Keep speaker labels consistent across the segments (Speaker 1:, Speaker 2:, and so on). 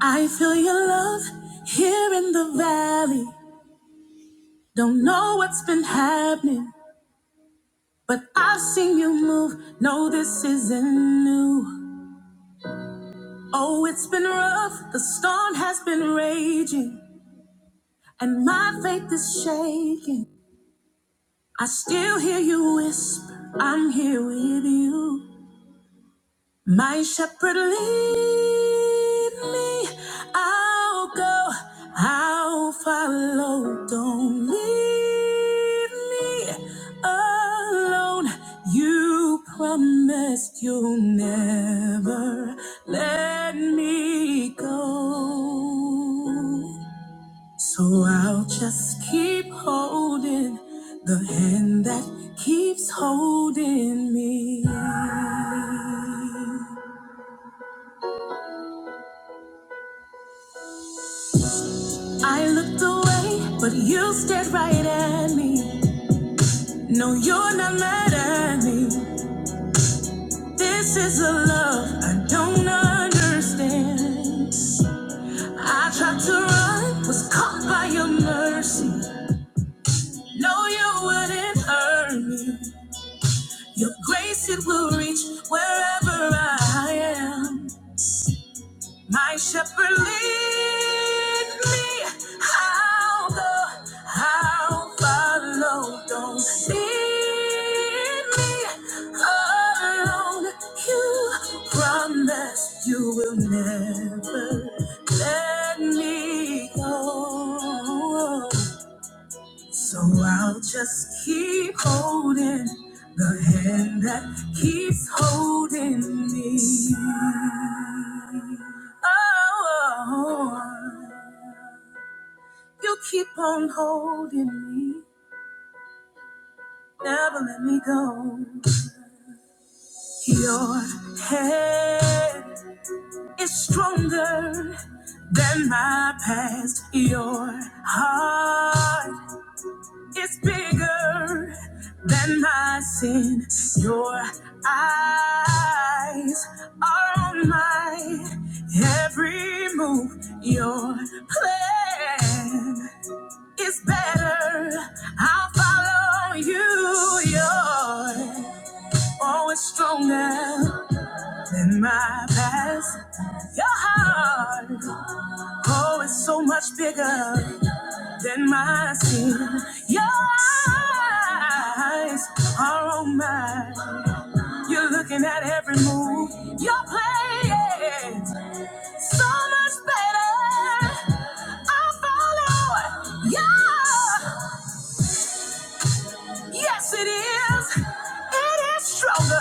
Speaker 1: I feel your love here in the valley. Don't know what's been happening, but I've seen you move. No, this isn't new. Oh, it's been rough. The storm has been raging, and my faith is shaking. I still hear you whisper, I'm here with you. My shepherd lead me, I'll go, I'll follow. Don't leave me alone. You promised you'll never let me go. So I'll just keep holding the hand that keeps holding me. I looked away, but you stared right at me. No, you're not mad at me. This is a love I don't understand. I tried to run, was caught by your mercy. No, you wouldn't hurt me. Your grace, it will reach wherever I am. My shepherd lead me. I'll go. I'll follow. Don't leave me alone. You promise you will never let me go. So I'll just keep holding the hand that keeps holding me. Oh, you keep on holding me, never let me go. Your hand is stronger than my past. Your heart It's bigger than my sin. Your eyes are on my every move. Your plan is better. I'll follow you. Your are always stronger than my past. Your heart, oh, it's so much bigger. Then my skin, your eyes are on mine. You're looking at every move you're playing. So much better. I follow your Yes, it is. It is stronger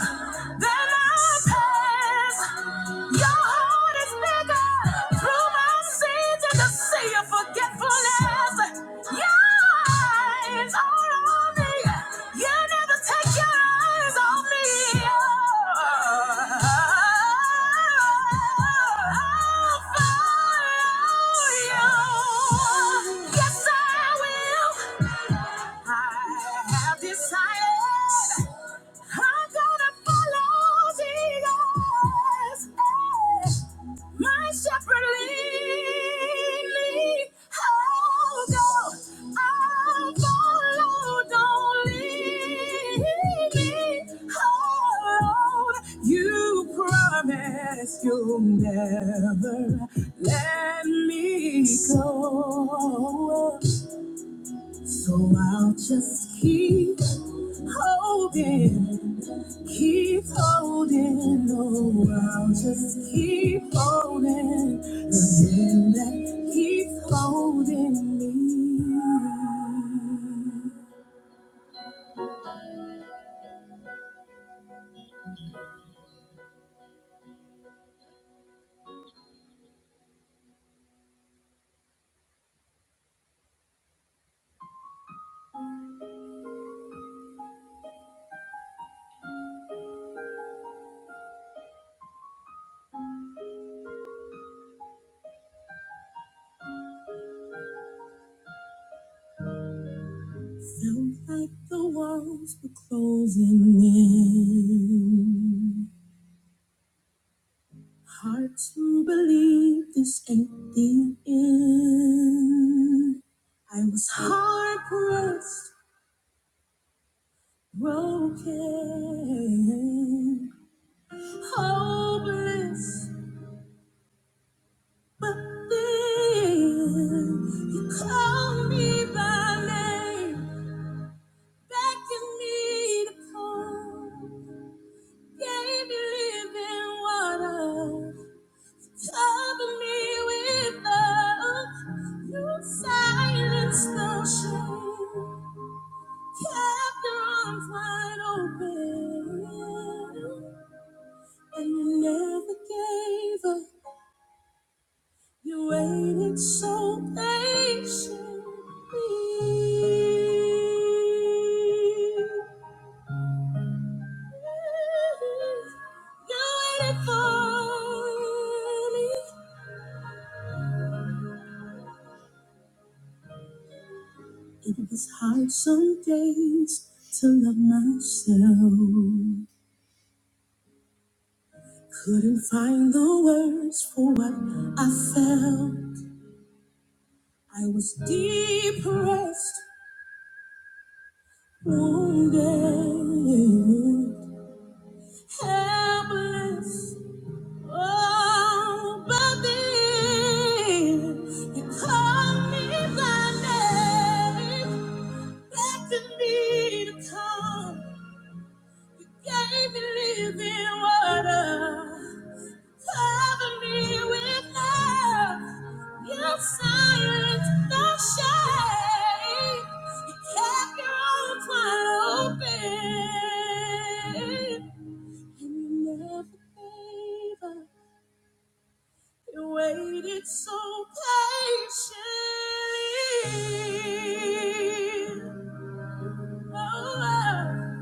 Speaker 1: than our past. Your heart is bigger. Through my sins and the sea of forgetfulness. Your eyes are on me. You never take your eyes off me. Oh. Decided I'm gonna follow Jesus. My shepherd lead me. Oh, go. I follow. Don't leave me. Oh, Lord. You promised you'll never let me go. So I'll just keep holding. Keep holding, Oh, I'll just keep holding the hand that keeps holding me. Felt like the walls were closing in. Hard to believe this ain't the end. I was hard pressed, broken, hopeless. But then you called me by name, beckoned me to come, gave me living water, covered me with love. You silenced the shame, kept the arms wide open, and you never gave up. You waited so patiently. You waited for me. It was hard some days to love myself. Couldn't find the words for what I felt. I was depressed, wounded, helpless. Oh, but then you called me by name, beckoned me to come. You gave me living water, covered me with love. Your silence, no shame. You kept your arms wide open, and you never gave up. You waited so patiently. Oh,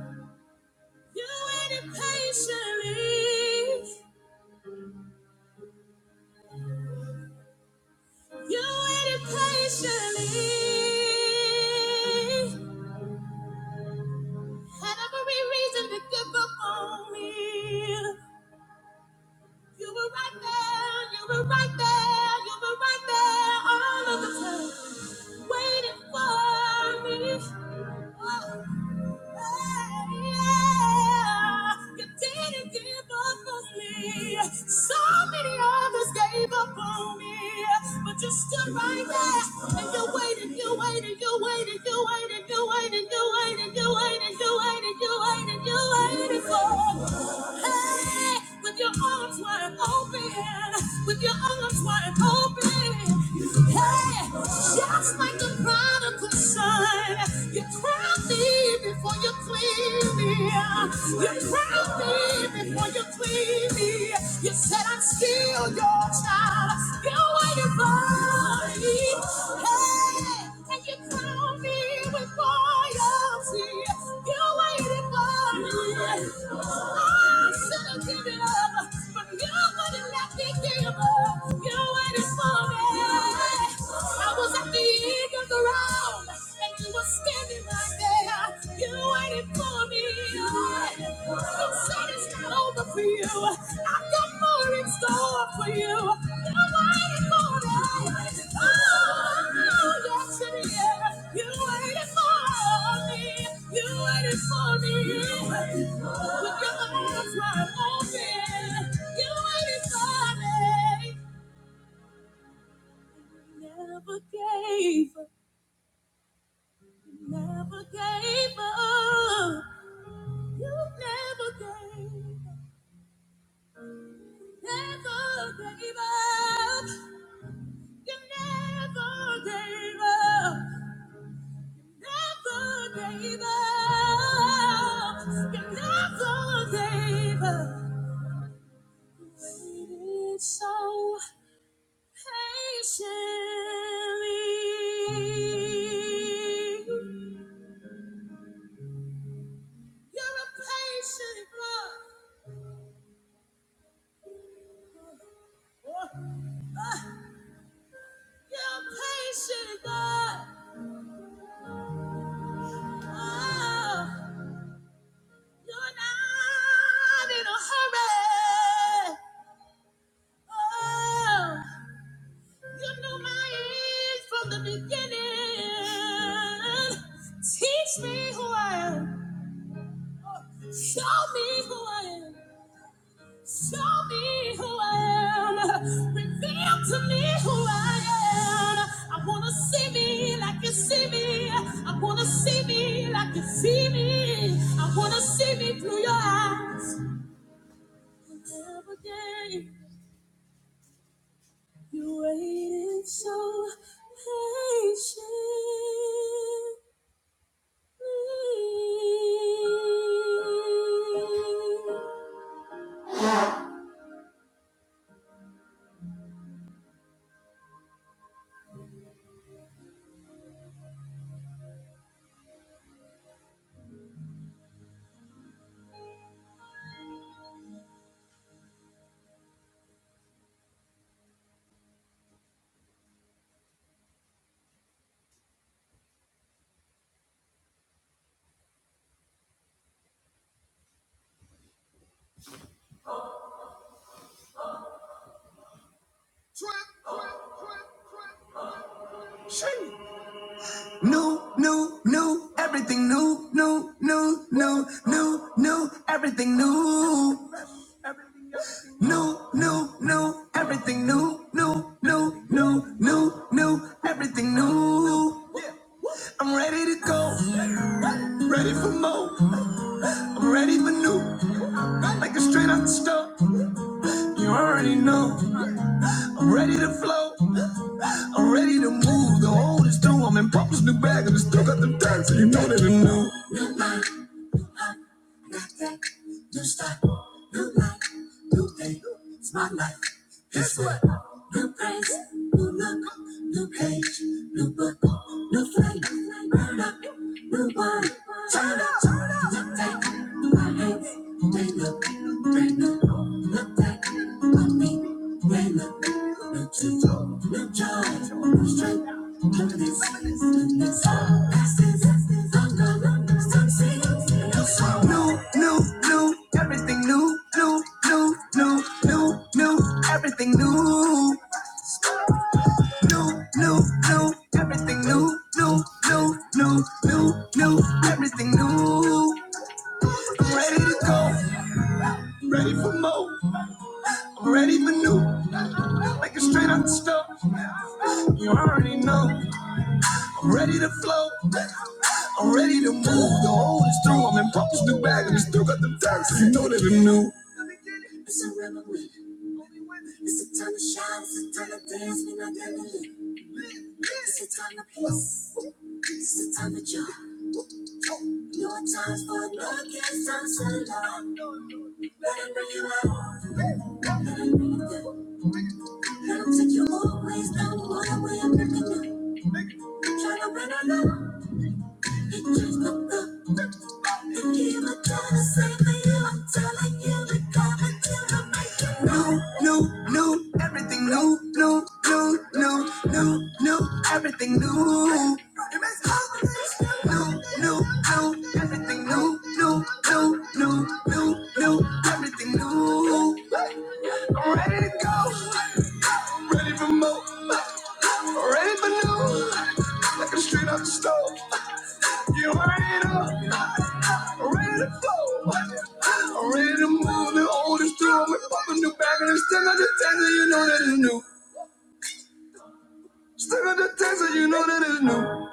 Speaker 1: you waited patiently. You waited patiently. Had every reason to give up on me. You were right there. You were right there. You were right there all of the time, waiting for me. Oh. You didn't give up on me. So many others gave up on me. But you stood right there and you waited, you waited, you waited, you waited, you waited, you waited, you waited, you waited, you waited, you waited for. Hey, with your arms wide open, with your arms wide open. Hey, just like the prodigal son, you drowned me before you clean me. You drowned me before you clean me. You said I'm still your child. You're waiting for. Standing right there, you waited for me. It's over for for for for for for you. you. You're You're You're you're I've got more in store waiting waiting waiting waiting me. me. me. me. Oh, yes, it is. You're waiting for me. You're waiting for me. With your arms wide open, You're waiting for me. Never gave up, never gave up. You never gave up. Never gave up. You never gave up. Never gave up. You never gave up. Waited so patiently. You're a patient God. Oh, ah, You're a patient God. Oh. You're not in a hurry. Oh, you knew my age from the beginning. Teach me who I am. Show me who I am. Show me who I am. Reveal to me who I am. I wanna see me like you see me. I wanna see me like you see me. I wanna see me through your eyes. Never again. You waited so patiently. New, new, new, everything new, new, new, new, new, new, everything new. New, new, new, everything new, new, new, new, new, new, everything new. Yeah. I'm ready to go, ready for more, I'm ready for new. Like a straight out the store. You already know. I'm ready to flow. I'm ready to move. The old is through. I'm in Papa's new bag and it's still got them tags, so you know that I'm new. New style, new life, new day. It's my life. Guess what? New praise, new look, new page, new book, new flame. Burn up, new wine. Turn up, turn up. Look back, my hands, they look, they look, look back, my feet, they look. New, new, new, everything new, new, new, new, new, new, everything new. New, new, new, everything new, new, new, new, new, new, everything new. I'm ready to go, I'm ready for more, I'm ready for new, like a straight out the stove. You already know. Ready to flow, I'm ready to move. The old is through. I'm in Papa's new bag and it's still got them tags. You know that I'm new. It's a revelry. It's a time to shine. It's a time to dance. We're not gonna It's a time to peace. It's a time to joy. No times for no kids. Time to love. Let it bring you out. Let it bring you down. Let it take you always down. All the way I'm breaking you. Trying to run out No, no, no, everything new, new, new, new, new, new, everything new. No, no, no, everything new, new, new, new, new, new, everything new. I'm ready to go. I'm ready for more. I'm ready for new. Like a straight up stove. You already know. I'm ready to go. I'm ready to move the oldest drum. We pop a new bag and it's still got the taser, you know that it's new. Still got the taser, you know that it's new.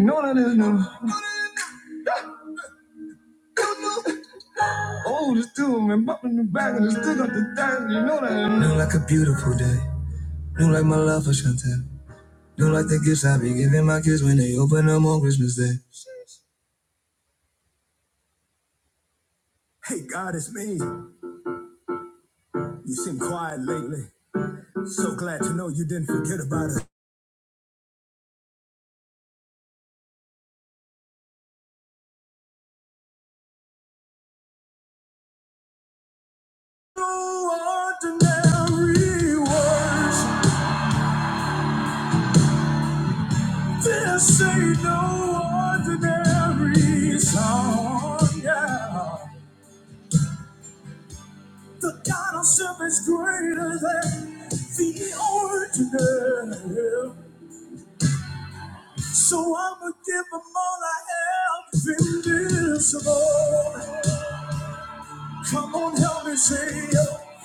Speaker 1: You know that it's new. oldest drum, man, pop new bag and it's still got the taser, you know that it's new. New like a beautiful day. New like my love for Chantel. New like the gifts I be giving my kids when they open them on Christmas Day. Hey God, it's me. You seem quiet lately. So glad to know you didn't forget about us. No ordinary words. This ain't no ordinary song. Yeah. The God of self is greater than the ordinary. So I'ma give them all I have. Invincible. Come on, help me sing. No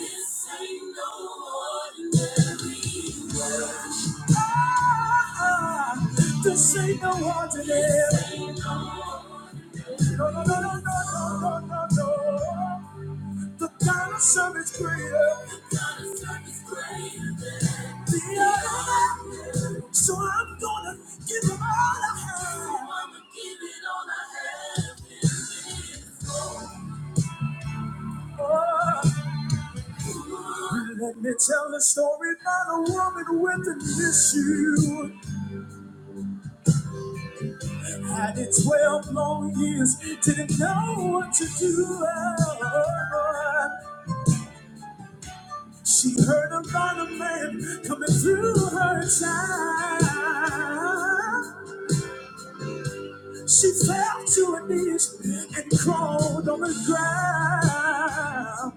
Speaker 1: ordinary words. Ah, ah, this ain't no ordinary. No, no, no, no, no, no, no, no. The kind of service greater. The kind of service greater than the other. So I'm gonna give him all I have. So I'm gonna give it all I have. Oh, let me tell the story about a woman with an issue. Had it 12 long years, didn't know what to do. Oh, She heard about a man coming through her town. She fell to her knees and crawled on the ground.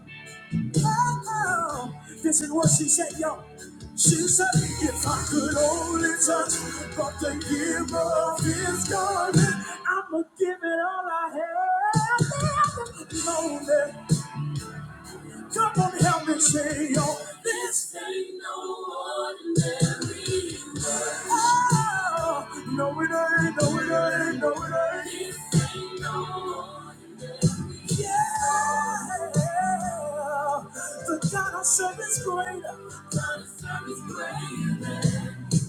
Speaker 1: Oh, oh. this is what she said, yo. She said, if I could only touch but the give of his garment, I'ma give it all I have. Lonely. Come on, help me say, yo, this ain't no ordinary. Oh, No, it ain't. No, it ain't. No, it ain't. Yeah. The God I serve is great. God I serve is great.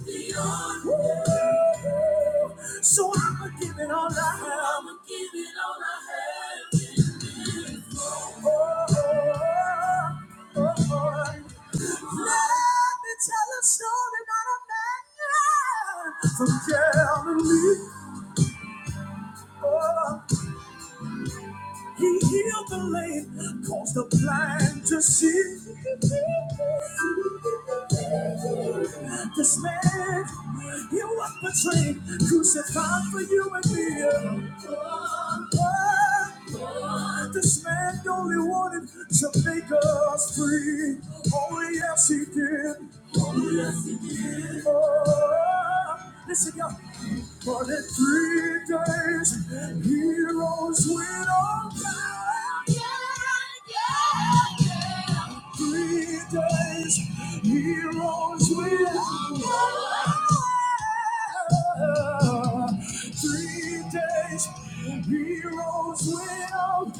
Speaker 1: Beyond. Woo. So I'ma give it all I have. I'ma give it all I have. Oh, oh, oh. Let me tell a story about a man from Galilee. Oh, He healed the lame, caused the blind to see. This man, he was betrayed, crucified for you and me. This man only wanted to make us free. Oh, yes, he did. Oh, yes, it is. Oh, listen, y'all. For the three days, he rose with on. down. Yeah, yeah, yeah. Three days, heroes will Three days, heroes will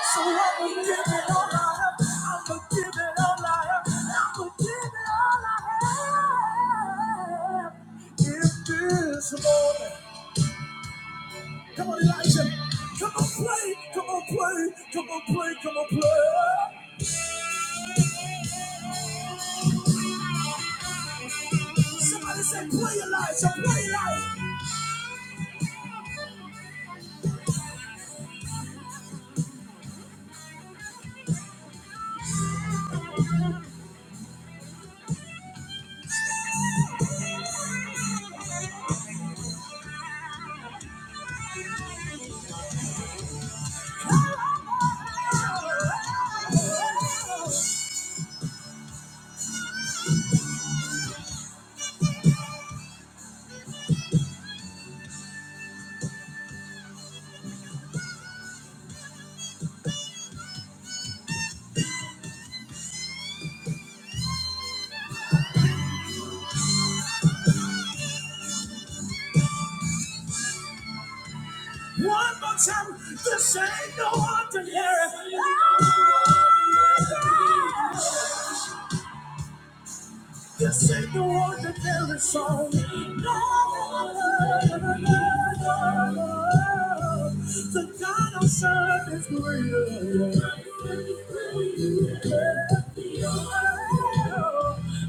Speaker 1: So I'ma give it all I have. I'ma give it all I have. I'ma give it all I have. If this morning, come on, Elijah, come on, play, come on, play, come on, play, come on, play. Somebody said, play your life, so play your life. One more time, this ain't no ordinary. Oh, This ain't the one that carries song. The God of sun is greater.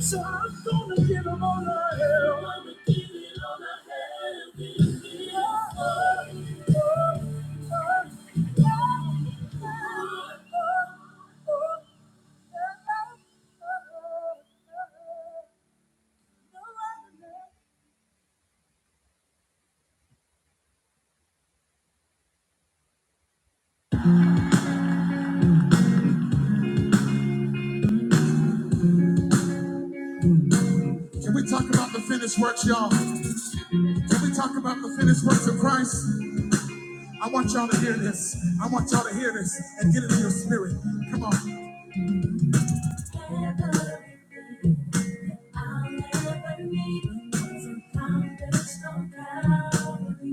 Speaker 1: So I'm gonna give him all I have. Can we talk about the finished works, y'all? Can we talk about the finished works of Christ? I want y'all to hear this. I want y'all to hear this and get it in your spirit. Come on. I'll never be overcome. There's no power.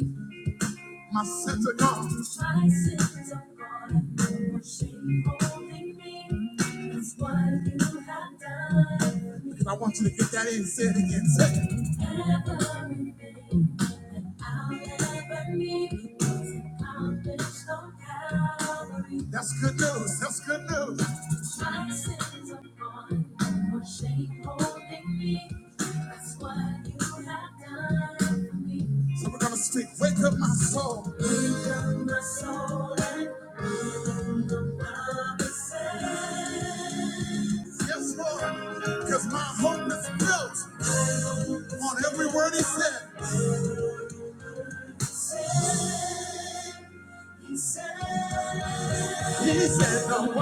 Speaker 1: My sins are gone. My sins are gone. No shame holding me. That's what you have done. for I want you to get that in. Say it again. Say it. Everything that I'll ever need was accomplished on Calvary. That's good news. That's good news. My sins are gone. No shame holding me. That's what you have done for me. So we're gonna speak. Wake up my soul. My soul my Yes, Lord, because my hope is built on every word He said. I'm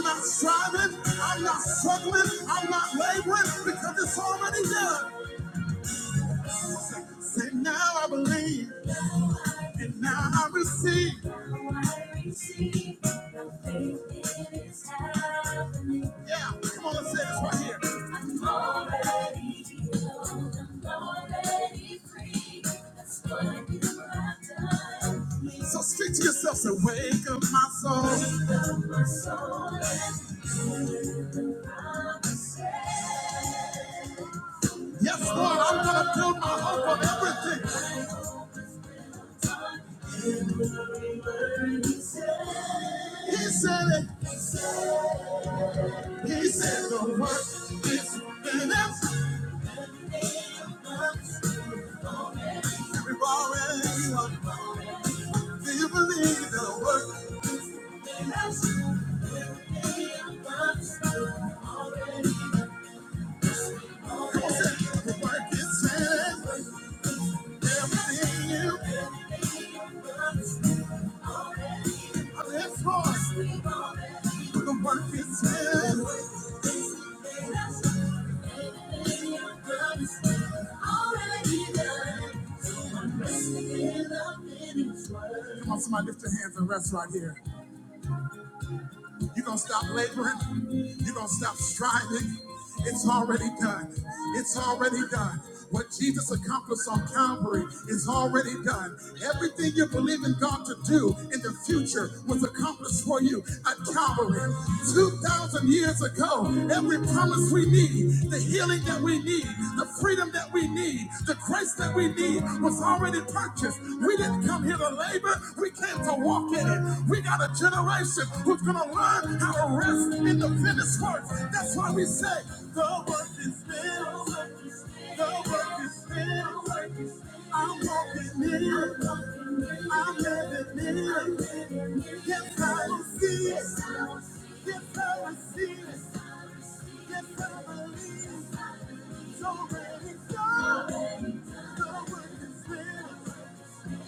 Speaker 1: not striving, I'm not struggling, I'm not laboring because it's already done. Say, now I believe, and now I receive. Yeah, come on, let's say this right here. So speak to yourself, say, wake up my soul. Yes, Lord, I'm gonna build my hope on everything. He said it, He said the work is finished. We've already won. Do you believe it'll work? Come on, say, the work is in Everything you have is for us. The work is in Everything you've done is already done. So I'm resting in the finished work. Come on, somebody lift your hands and rest right here. You're going to stop laboring. You're going to stop striving. It's already done. It's already done. What Jesus accomplished on Calvary is already done. Everything you believe in God to do in the future was accomplished for you at Calvary. 2,000 years ago, every promise we need, the healing that we need, the freedom that we need, the grace that we need was. It's already purchased. We didn't come here to labor. We came to walk in it. We got a generation who's going to learn how to rest in the finished work. That's why we say, the work is finished. The work is finished. I'm walking in. it. I'm living in. it. Yes, I will see it. Yes, I will see it. Yes, I believe it's already done. The work is finished.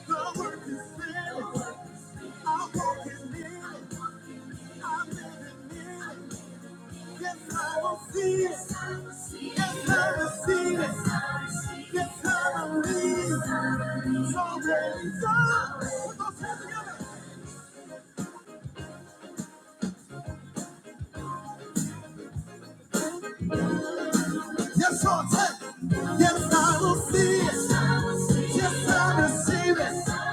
Speaker 1: The work is finished. I walk in it. I live in it. Yes, I will see it. Yes, I will see it. Yes, I will leave. It's already done. Put those hands together. Yes, I'll take. it. Yes, I will see it. Yes, I receive it.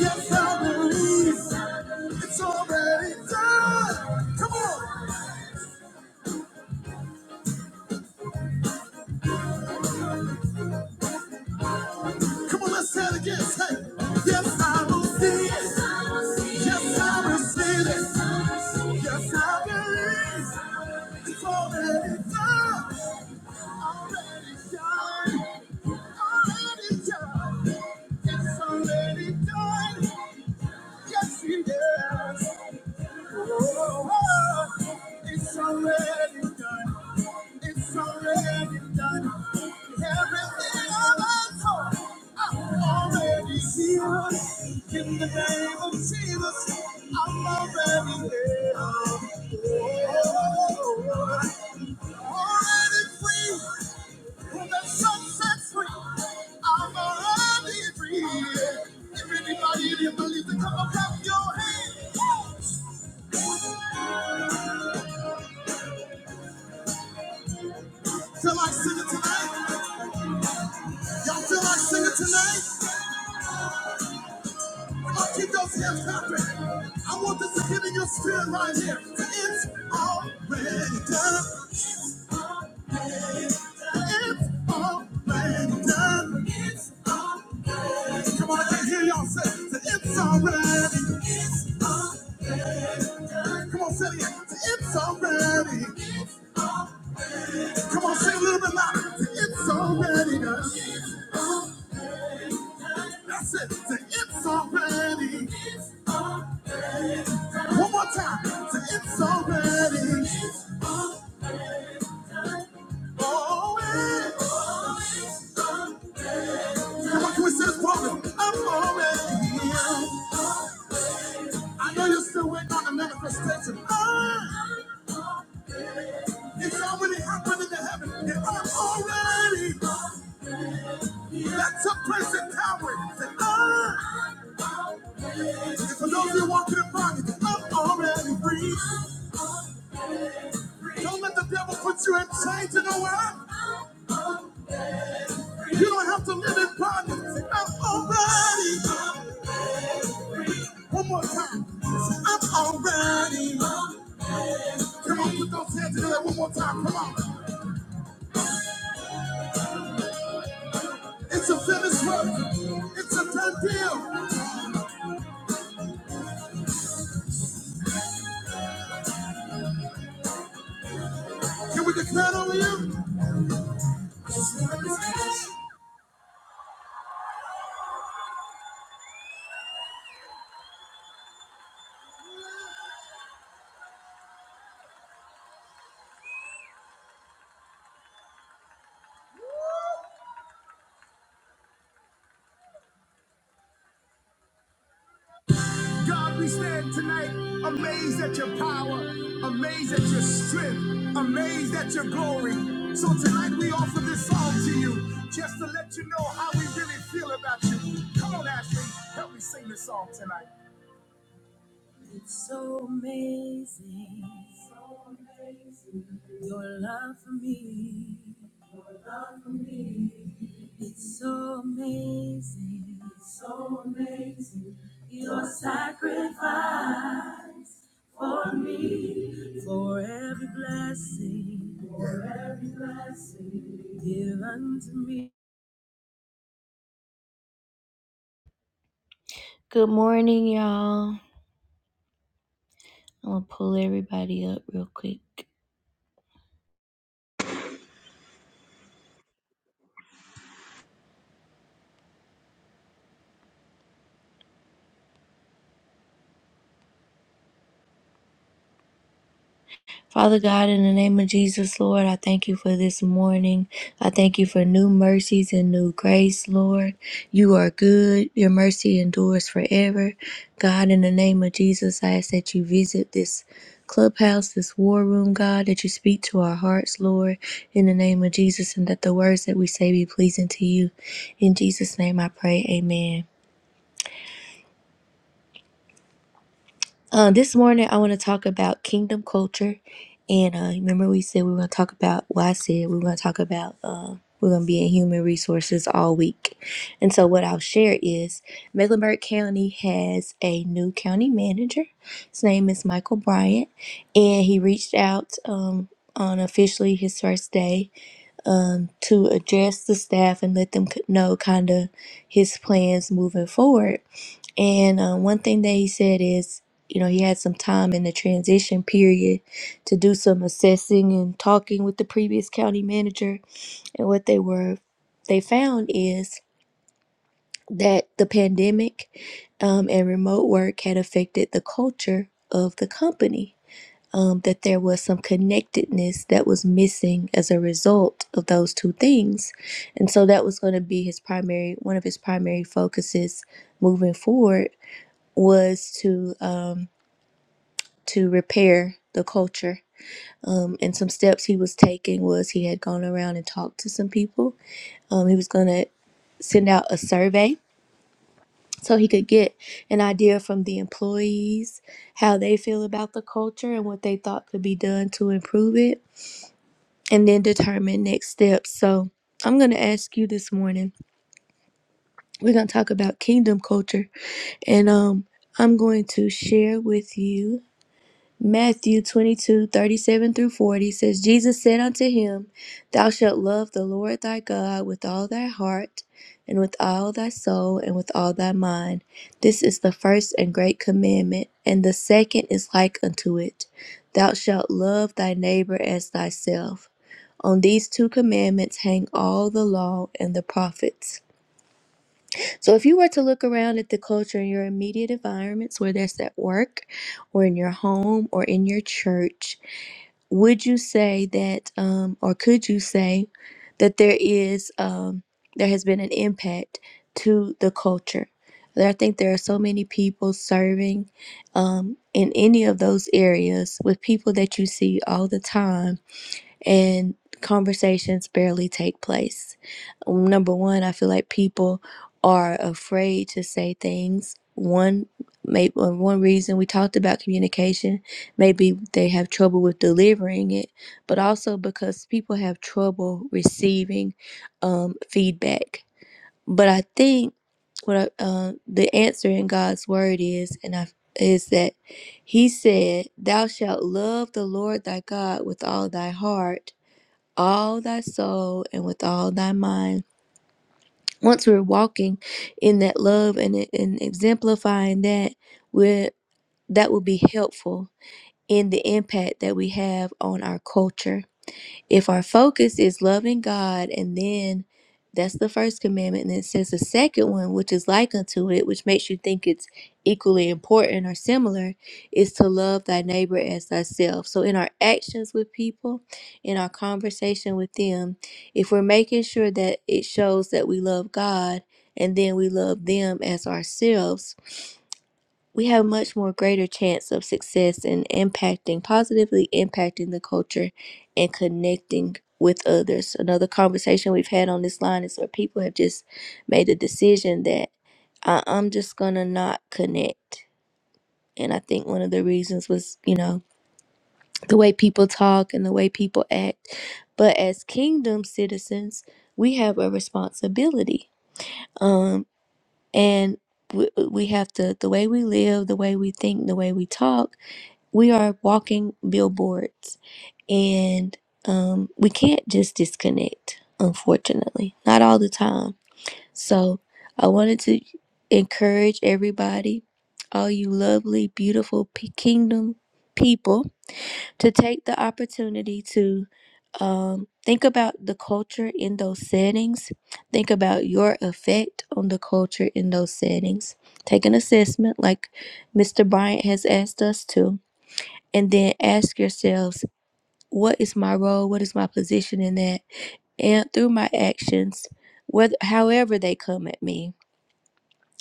Speaker 1: Yes, I believe. It's already done. Come on. Come on, let's say it again. Say, yes, I will see it. Yes, I receive it. Yes, I believe. It's already done. Already done. Already done. It's already done. Yes, it is. Oh, It's already done. It's already done. Everything I've asked for, I'm already here. In the name of Jesus, I'm already healed. Oh, Already free. When the sun sets free, I'm already free. If anybody in here believes it, come up, clap your hands. Feel like singing tonight? Y'all feel like singing tonight? Come on, keep those hands clapping. I want this to get in your spirit right here. It's already done. It's already done. It's already done. Come on, I can hear y'all say that it's already. It's already. Come on, say it again. It's already. Come on, say it a little bit louder. It's already done. That's it. Say It's already. One more time. Say It's already. Come on, can we say this properly? I'm already here. I know you're still waiting on the manifestation. Ah, It's already happening in heaven. And I'm already. That took place in Calvary. Say, ah. And for those of you walking in bondage, I'm already free. Don't let the devil put you in chains. You know what? You don't have to live in bondage. Say, I'm already. One more time. I'm already. Come on, put those hands together one more time. Come on. It's a finished work. It's a done deal. Can we declare it over you? God, we stand tonight amazed at your power, amazed at your strength, amazed at your glory. So tonight we offer this song to you just to let you know how we really feel about you. Come on, Ashley, help me sing this song tonight. It's so amazing. Your love for me. It's so amazing. so Your sacrifice for me. Good morning, y'all. I'm gonna pull everybody up real quick. Father God, in the name of Jesus, Lord, I thank you for this morning. I thank you for new mercies and new grace, Lord. You are good. Your mercy endures forever. God, in the name of Jesus, I ask that you visit this clubhouse, this war room, God, that you speak to our hearts, Lord, in the name of Jesus, and that the words that we say be pleasing to you. In Jesus' name I pray, amen. Uh, this morning, I want to talk about kingdom culture. And uh, remember, we said we were going to talk about, well, I said we were going to talk about, uh, we're going to be in human resources all week. And so, what I'll share is Mecklenburg County has a new county manager. His name is Michael Bryant. And he reached out um, on officially his first day um, to address the staff and let them c- know kind of his plans moving forward. And uh, one thing that he said is, you know, he had some time in the transition period to do some assessing and talking with the previous county manager. And what they were, they found is that the pandemic um, and remote work had affected the culture of the company um, that there was some connectedness that was missing as a result of those two things. And so that was going to be his primary, one of his primary focuses moving forward was to, um, to repair the culture. Um, and some steps he was taking was he had gone around and talked to some people. Um, he was going to send out a survey so he could get an idea from the employees how they feel about the culture and what they thought could be done to improve it and then determine next steps. So I'm gonna ask you this morning. We're gonna talk about kingdom culture, and um, I'm going to share with you Matthew 22:37 through 40 says, Jesus said unto him, Thou shalt love the Lord thy God with all thy heart, and with all thy soul, and with all thy mind. This is the first and great commandment, and the second is like unto it. Thou shalt love thy neighbor as thyself. On these two commandments hang all the law and the prophets. So, if you were to look around at the culture in your immediate environments, whether it's at work or in your home or in your church, would you say that, um, or could you say that there is, um, there has been an impact to the culture? There, I think there are so many people serving um, in any of those areas with people that you see all the time and conversations barely take place. Um, Number one, I feel like people are afraid to say things. One, maybe one reason we talked about communication, maybe they have trouble with delivering it, but also because people have trouble receiving um, feedback. But I think what I, uh, the answer in God's word is, and I is that He said, "Thou shalt love the Lord thy God with all thy heart." all thy soul and with all thy mind. Once we're walking in that love and, and exemplifying that, we're, that will be helpful in the impact that we have on our culture if our focus is loving God, and then that's the first commandment, and then it says the second one, which is like unto it, which makes you think it's equally important or similar, is to love thy neighbor as thyself. So in our actions with people, in our conversation with them, if we're making sure that it shows that we love God and then we love them as ourselves we have much more greater chance of success in impacting positively impacting the culture and connecting with others another conversation we've had on this line is where people have just made a decision that I- i'm just gonna not connect and i think one of the reasons was you know the way people talk and the way people act but as kingdom citizens we have a responsibility um and we, we have to the way we live the way we think the way we talk we are walking billboards and um, we can't just disconnect, unfortunately, not all the time. So I wanted to encourage everybody, all you lovely, beautiful P- kingdom people, to take the opportunity to um, think about the culture in those settings. Think about your effect on the culture in those settings. Take an assessment like Mr. Bryant has asked us to and then ask yourselves what is my role what is my position in that and through my actions whether however they come at me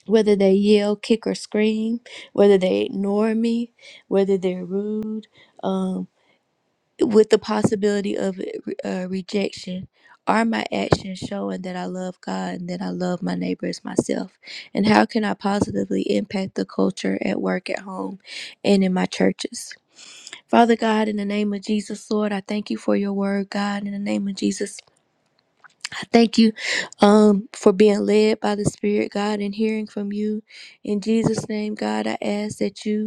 Speaker 1: whether they yell kick or scream whether they ignore me whether they're rude um, with the possibility of uh, rejection are my actions showing that i love god and that i love my neighbor as myself and how can i positively impact the culture at work at home and in my churches Father God, in the name of Jesus, Lord, I thank you for your word, God. In the name of Jesus, I thank you um, for being led by the Spirit, God, and hearing from you. In Jesus' name, God, I ask that you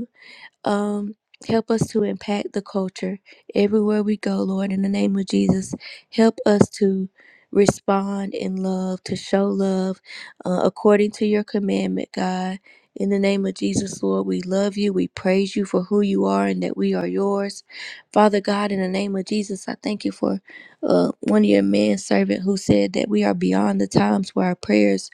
Speaker 1: um, help us to impact the culture everywhere we go, Lord. In the name of Jesus, help us to respond in love, to show love uh, according to your commandment, God. In the name of Jesus, Lord, we love you. We praise you for who you are and that we are yours. Father God, in the name of Jesus, I thank you for uh, one of your men servant who said that we are beyond the times where our prayers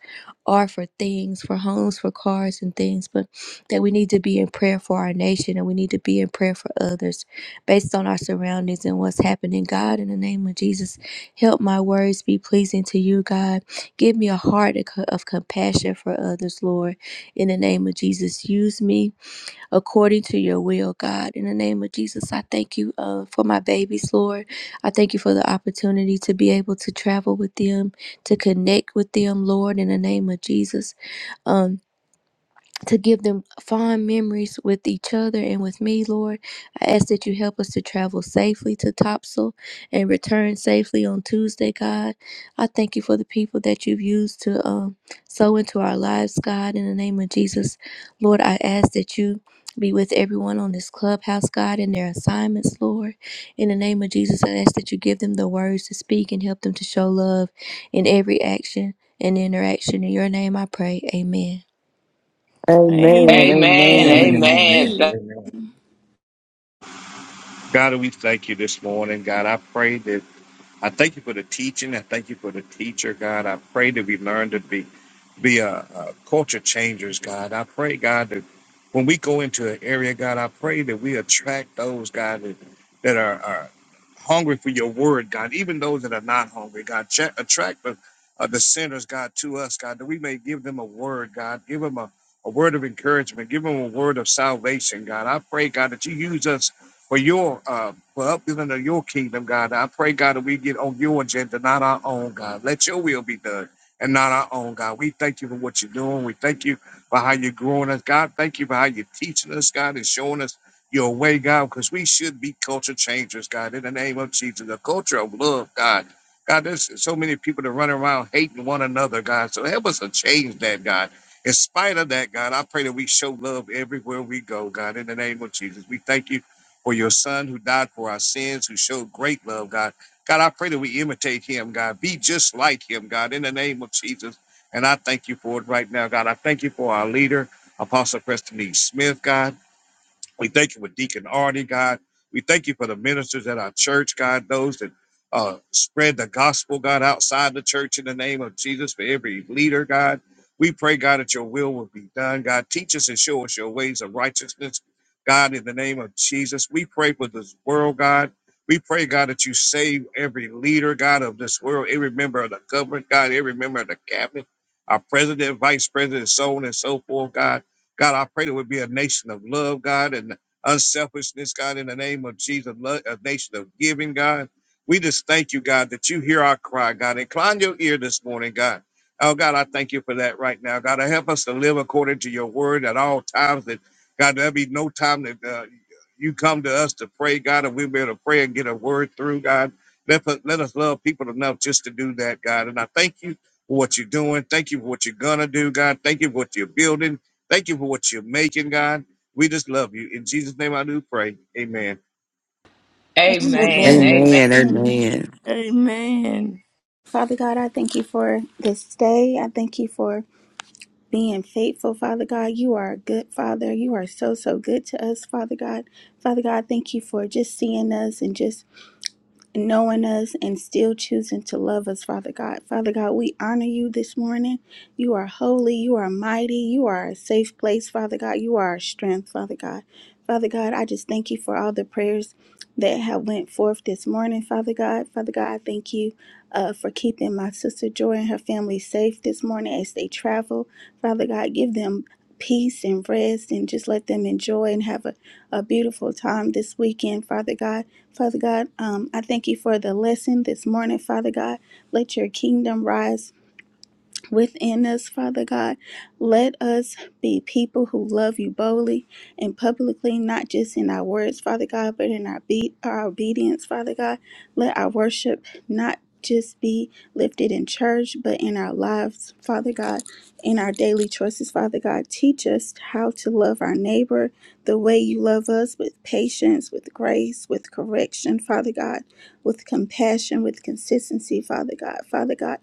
Speaker 1: are for things, for homes, for cars, and things. But that we need to be in prayer for our nation and we need to be in prayer for others based on our surroundings and what's happening. God, in the name of Jesus, help my words be pleasing to you, God. Give me a heart of co- of compassion for others, Lord. In the name of Jesus, use me according to your will, God. In the name of Jesus, I thank you uh, for my babies, Lord. I thank you for the opportunity to be able to travel with them, to connect with them, Lord, in the name of Jesus. Um, to give them fond memories with each other and with me, Lord. I ask that you help us to travel safely to Topsail and return safely on Tuesday, God. I thank you for the people that you've used to um, sow into our lives, God. In the name of Jesus, Lord, I ask that you be with everyone on this clubhouse, God, in their assignments, Lord. In the name of Jesus, I ask that you give them the words to speak and help them to show love in every action and interaction. In your name, I pray. Amen.
Speaker 2: Amen.
Speaker 3: Amen.
Speaker 4: Amen.
Speaker 5: Amen.
Speaker 2: Amen. Amen.
Speaker 4: Amen.
Speaker 5: Amen.
Speaker 6: Amen.
Speaker 4: Th-
Speaker 5: Amen. God, we thank you this morning. God, I pray that I thank you for the teaching. I thank you for the teacher, God. I pray that we learn to be be a, a culture changers, God. I pray, God, that when we go into an area, God, I pray that we attract those, God, that, that are, are hungry for your word, God. Even those that are not hungry, God, Ch- attract the, uh, the sinners, God, to us, God, that we may give them a word, God. Give them a, a word of encouragement. Give them a word of salvation, God. I pray, God, that you use us for your uh for upbuilding of your kingdom, God. I pray, God, that we get on your agenda, not our own, God. Let your will be done and not our own, God. We thank you for what you're doing. We thank you for how you're growing us, God. Thank you for how you're teaching us, God, and showing us your way, God, because we should be culture changers, God, in the name of Jesus. A culture of love, God. God, there's so many people that run around hating one another, God. So help us to change that, God. In spite of that, God, I pray that we show love everywhere we go, God, in the name of Jesus. We thank you for your son who died for our sins, who showed great love, God. God, I pray that we imitate him, God. Be just like him, God, in the name of Jesus. And I thank you for it right now, God. I thank you for our leader, Apostle Preston E. Smith, God. We thank you for Deacon Arnie, God. We thank you for the ministers at our church, God, those that uh, spread the gospel, God, outside the church in the name of Jesus, for every leader, God. We pray, God, that your will will be done, God. Teach us and show us your ways of righteousness, God, in the name of Jesus. We pray for this world, God. We pray, God, that you save every leader, God, of this world, every member of the government, God, every member of the cabinet, our president, vice president, so on and so forth, God. God, I pray there would be a nation of love, God, and unselfishness, God, in the name of Jesus, lo- a nation of giving, God. We just thank you, God, that you hear our cry, God. Incline your ear this morning, God. Oh, God, I thank you for that right now. God, help us to live according to your word at all times. That, God, there'll be no time that uh, you come to us to pray, God, and we'll be able to pray and get a word through, God. Let, us- let us love people enough just to do that, God. And I thank you for what you're doing. Thank you for what you're going to do, God. Thank you for what you're building. Thank you for what you're making, God. We just love you. In Jesus' name I do pray. Amen.
Speaker 6: Amen.
Speaker 4: Amen. Amen.
Speaker 2: Amen. Amen.
Speaker 3: Amen.
Speaker 6: Father God, I thank you for this day. I thank you for being faithful, Father God. You are a good Father. You are so, so good to us, Father God. Father God, thank you for just seeing us and just knowing us and still choosing to love us, Father God. Father God, we honor you this morning. You are holy, you are mighty, you are a safe place, Father God. You are our strength, Father God. Father God, I just thank you for all the prayers that have went forth this morning, Father God. Father God, I thank you uh, for keeping my sister Joy and her family safe this morning as they travel. Father God, give them peace and rest and just let them enjoy and have a, a beautiful time this weekend, Father God. Father God, um, I thank you for the lesson this morning, Father God. Let your kingdom rise within us, Father God. Let us be people who love you boldly and publicly, not just in our words, Father God, but in our be- our obedience, Father God. Let our worship not just be lifted in church, but in our lives, Father God, in our daily choices, Father God. Teach us how to love our neighbor the way you love us with patience, with grace, with correction, Father God, with compassion, with consistency, Father God. Father God,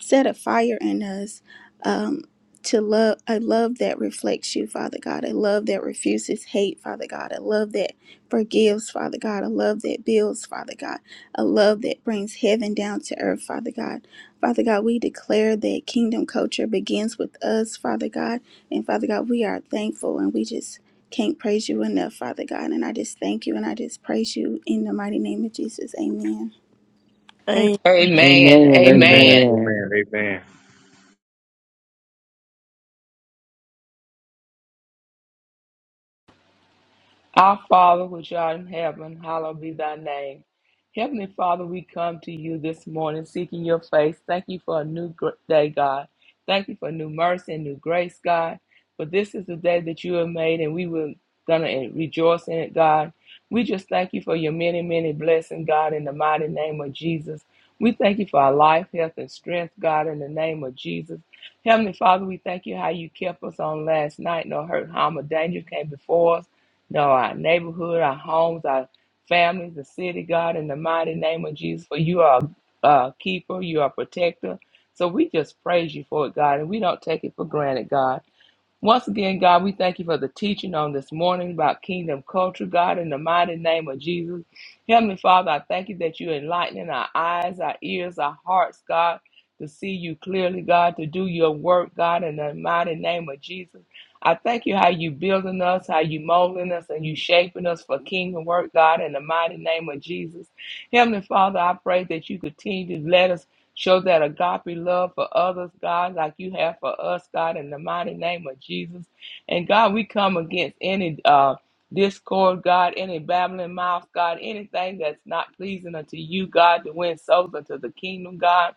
Speaker 6: set a fire in us um, to love a love that reflects you father god a love that refuses hate father god a love that forgives father god a love that builds father god a love that brings heaven down to earth father god father god we declare that kingdom culture begins with us father god and father god we are thankful and we just can't praise you enough father god and i just thank you and i just praise you in the mighty name of jesus amen
Speaker 3: A-
Speaker 4: Amen.
Speaker 5: Amen.
Speaker 4: Amen.
Speaker 2: Amen.
Speaker 5: Amen. Amen.
Speaker 4: Our Father, which art in heaven, hallowed be thy name. Heavenly Father, we come to you this morning seeking your face. Thank you for a new gr- day, God. Thank you for new mercy and new grace, God. But this is the day that you have made, and we will gonna rejoice in it, God. We just thank you for your many, many blessings, God, in the mighty name of Jesus. We thank you for our life, health, and strength, God, in the name of Jesus. Heavenly Father, we thank you how you kept us on last night. No hurt, harm, or danger came before us. No, our neighborhood, our homes, our families, the city, God, in the mighty name of Jesus, for you are a keeper, you are a protector. So we just praise you for it, God, and we don't take it for granted, God. Once again, God, we thank you for the teaching on this morning about kingdom culture, God, in the mighty name of Jesus. Heavenly Father, I thank you that you're enlightening our eyes, our ears, our hearts, God, to see you clearly, God, to do your work, God, in the mighty name of Jesus. I thank you how you building us, how you molding us, and you shaping us for kingdom work, God, in the mighty name of Jesus. Heavenly Father, I pray that you continue to let us. Show that agape love for others, God, like you have for us, God, in the mighty name of Jesus. And God, we come against any uh, discord, God, any babbling mouth, God, anything that's not pleasing unto you, God, to win souls unto the kingdom, God.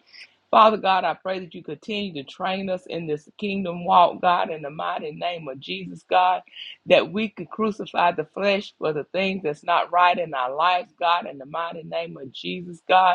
Speaker 4: Father God, I pray that you continue to train us in this kingdom walk, God, in the mighty name of Jesus, God, that we could crucify the flesh for the things that's not right in our lives, God, in the mighty name of Jesus, God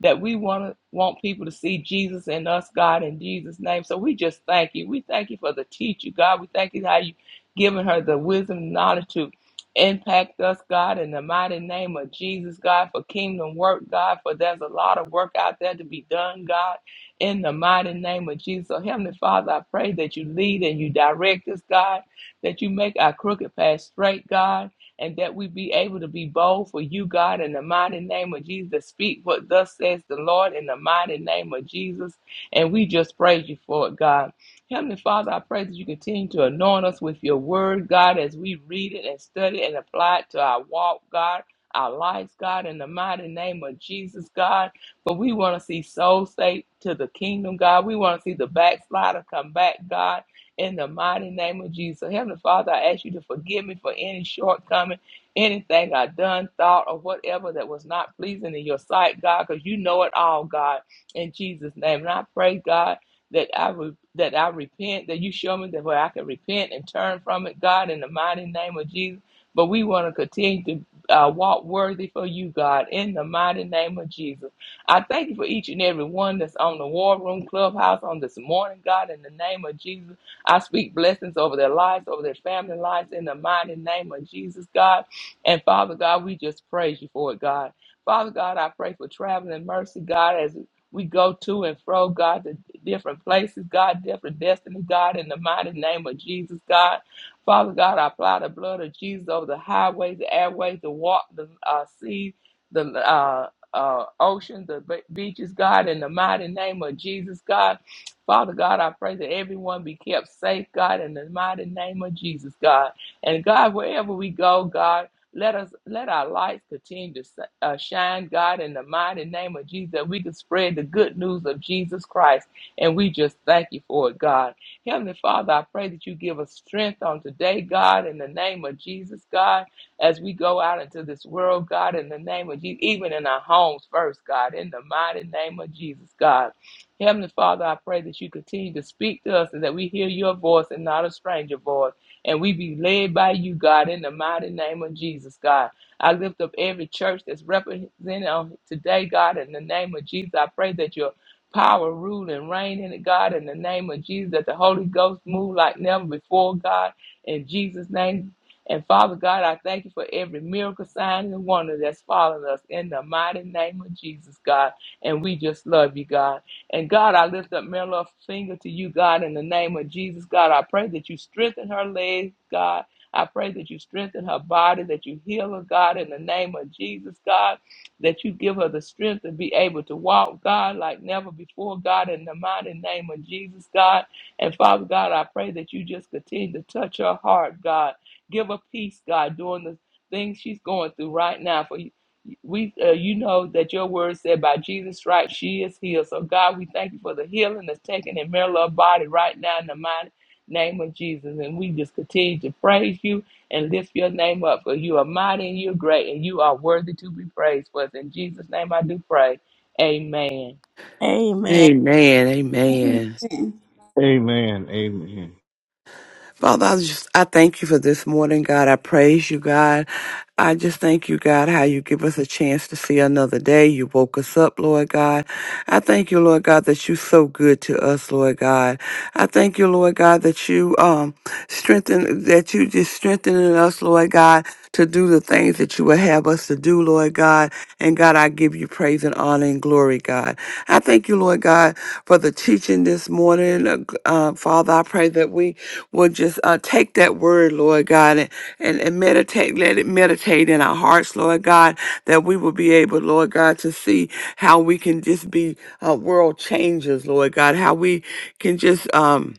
Speaker 4: that we want to want people to see Jesus in us, God, in Jesus' name. So we just thank you. We thank you for the teacher, God. We thank you how you have given her the wisdom and knowledge to impact us, God, in the mighty name of Jesus, God, for kingdom work, God, for there's a lot of work out there to be done, God, in the mighty name of Jesus. So Heavenly Father, I pray that you lead and you direct us, God, that you make our crooked path straight, God and that we be able to be bold for you, God, in the mighty name of Jesus. Speak what thus says the Lord in the mighty name of Jesus. And we just praise you for it, God. Heavenly Father, I pray that you continue to anoint us with your word, God, as we read it and study it and apply it to our walk, God. Our lives, God, in the mighty name of Jesus, God. But we want to see souls saved to the kingdom, God. We want to see the backslider come back, God in the mighty name of Jesus. Heavenly Father, I ask you to forgive me for any shortcoming, anything I done, thought, or whatever that was not pleasing in your sight, God, because you know it all, God, in Jesus' name. And I pray, God, that I re- that I repent, that you show me that where I can repent and turn from it, God, in the mighty name of Jesus. But we want to continue to uh, walk worthy for you, God, in the mighty name of Jesus. I thank you for each and every one that's on the War Room Clubhouse on this morning, God, in the name of Jesus. I speak blessings over their lives, over their family lives, in the mighty name of Jesus, God. And Father God, we just praise you for it, God. Father God, I pray for traveling mercy, God, as we go to and fro, God, to different places, God, different destiny, God, in the mighty name of Jesus, God. Father God, I apply the blood of Jesus over the highways, the airways, the walk, the uh, sea, the uh, uh, ocean, the be- beaches, God, in the mighty name of Jesus, God. Father God, I pray that everyone be kept safe, God, in the mighty name of Jesus, God. And God, wherever we go, God, let us let our lights continue to si, uh, shine, God, in the mighty name of Jesus. That we can spread the good news of Jesus Christ, and we just thank you for it, God. Heavenly Father, I pray that you give us strength on today, God, in the name of Jesus, God, as we go out into this world, God, in the name of Jesus, even in our homes first, God, in the mighty name of Jesus, God. Heavenly Father, I pray that you continue to speak to us and that we hear your voice and not a stranger voice. And we be led by you, God, in the mighty name of Jesus, God. I lift up every church that's represented on today, God, in the name of Jesus. I pray that your power, rule, and reign in it, God, in the name of Jesus, that the Holy Ghost move like never before, God, in Jesus' name. And Father God, I thank you for every miracle, sign, and wonder that's following us in the mighty name of Jesus, God. And we just love you, God. And God, I lift up Mary Finger to you, God, in the name of Jesus. God, I pray that you strengthen her legs, God. I pray that you strengthen her body, that you heal her, God, in the name of Jesus, God, that you give her the strength to be able to walk, God, like never before, God, in the mighty name of Jesus, God. And Father God, I pray that you just continue to touch her heart, God. Give her peace, God, during the things she's going through right now. for we uh, you know that your word said by Jesus stripes she is healed. So God, we thank you for the healing that's taken in Marilla's body right now in the mighty name of Jesus. And we just continue to praise you and lift your name up for you are mighty and you're great and you are worthy to be praised. For it's in Jesus' name I do pray. Amen.
Speaker 3: Amen.
Speaker 2: Amen. Amen.
Speaker 6: amen
Speaker 2: Father, I just I thank you for this morning, God. I praise you, God. I just thank you, God, how you give us a chance to see another day. You woke us up, Lord God. I thank you, Lord God, that you're so good to us, Lord God. I thank you, Lord God, that you um strengthen that you just strengthening us, Lord God, to do the things that you would have us to do, Lord God. And God, I give you praise and honor and glory, God. I thank you, Lord God, for the teaching this morning. Uh, uh, Father, I pray that we will just uh, take that word, Lord God, and and, and meditate, let it meditate in our hearts, Lord God, that we will be able, Lord God, to see how we can just be uh, world changers, Lord God, how we can just um,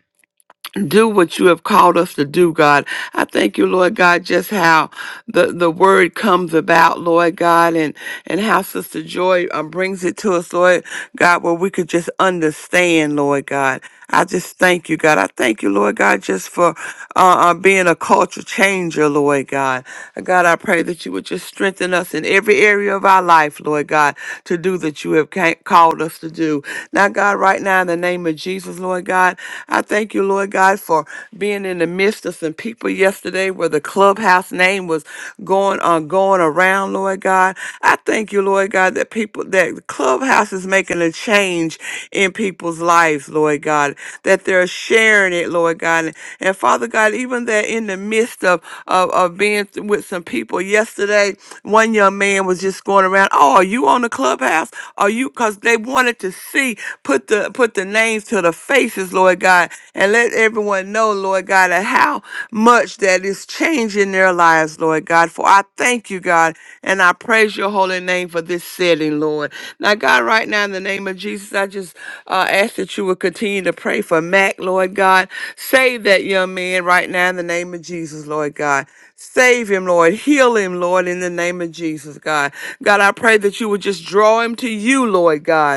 Speaker 2: do what you have called us to do, God. I thank you, Lord God, just how the, the word comes about, Lord God, and, and how Sister Joy um, brings it to us, Lord God, where we could just understand, Lord God. I just thank you, God. I thank you, Lord God, just for uh, uh, being a culture changer, Lord God. God, I pray that you would just strengthen us in every area of our life, Lord God, to do that you have ca- called us to do. Now, God, right now, in the name of Jesus, Lord God, I thank you, Lord God, for being in the midst of some people yesterday where the clubhouse name was going on, going around, Lord God. I thank you, Lord God, that people that Clubhouse is making a change in people's lives, Lord God, that they're sharing it, Lord God. And and Father God, even that in the midst of of, of being th- with some people yesterday, one young man was just going around, Oh, are you on the clubhouse? Are you because they wanted to see, put the put the names to the faces, Lord God, and let everyone know, Lord God, how much that is changing their lives, Lord God. For I thank you, God, and I praise your holy name for this setting, Lord. Now, God, right now, in the name of Jesus, I just uh, ask that you would continue to pray for Mac, Lord God. Save that young man right now, in the name of Jesus, Lord God. Save him, Lord. Heal him, Lord, in the name of Jesus, God. God, I pray that you would just draw him to you, Lord God.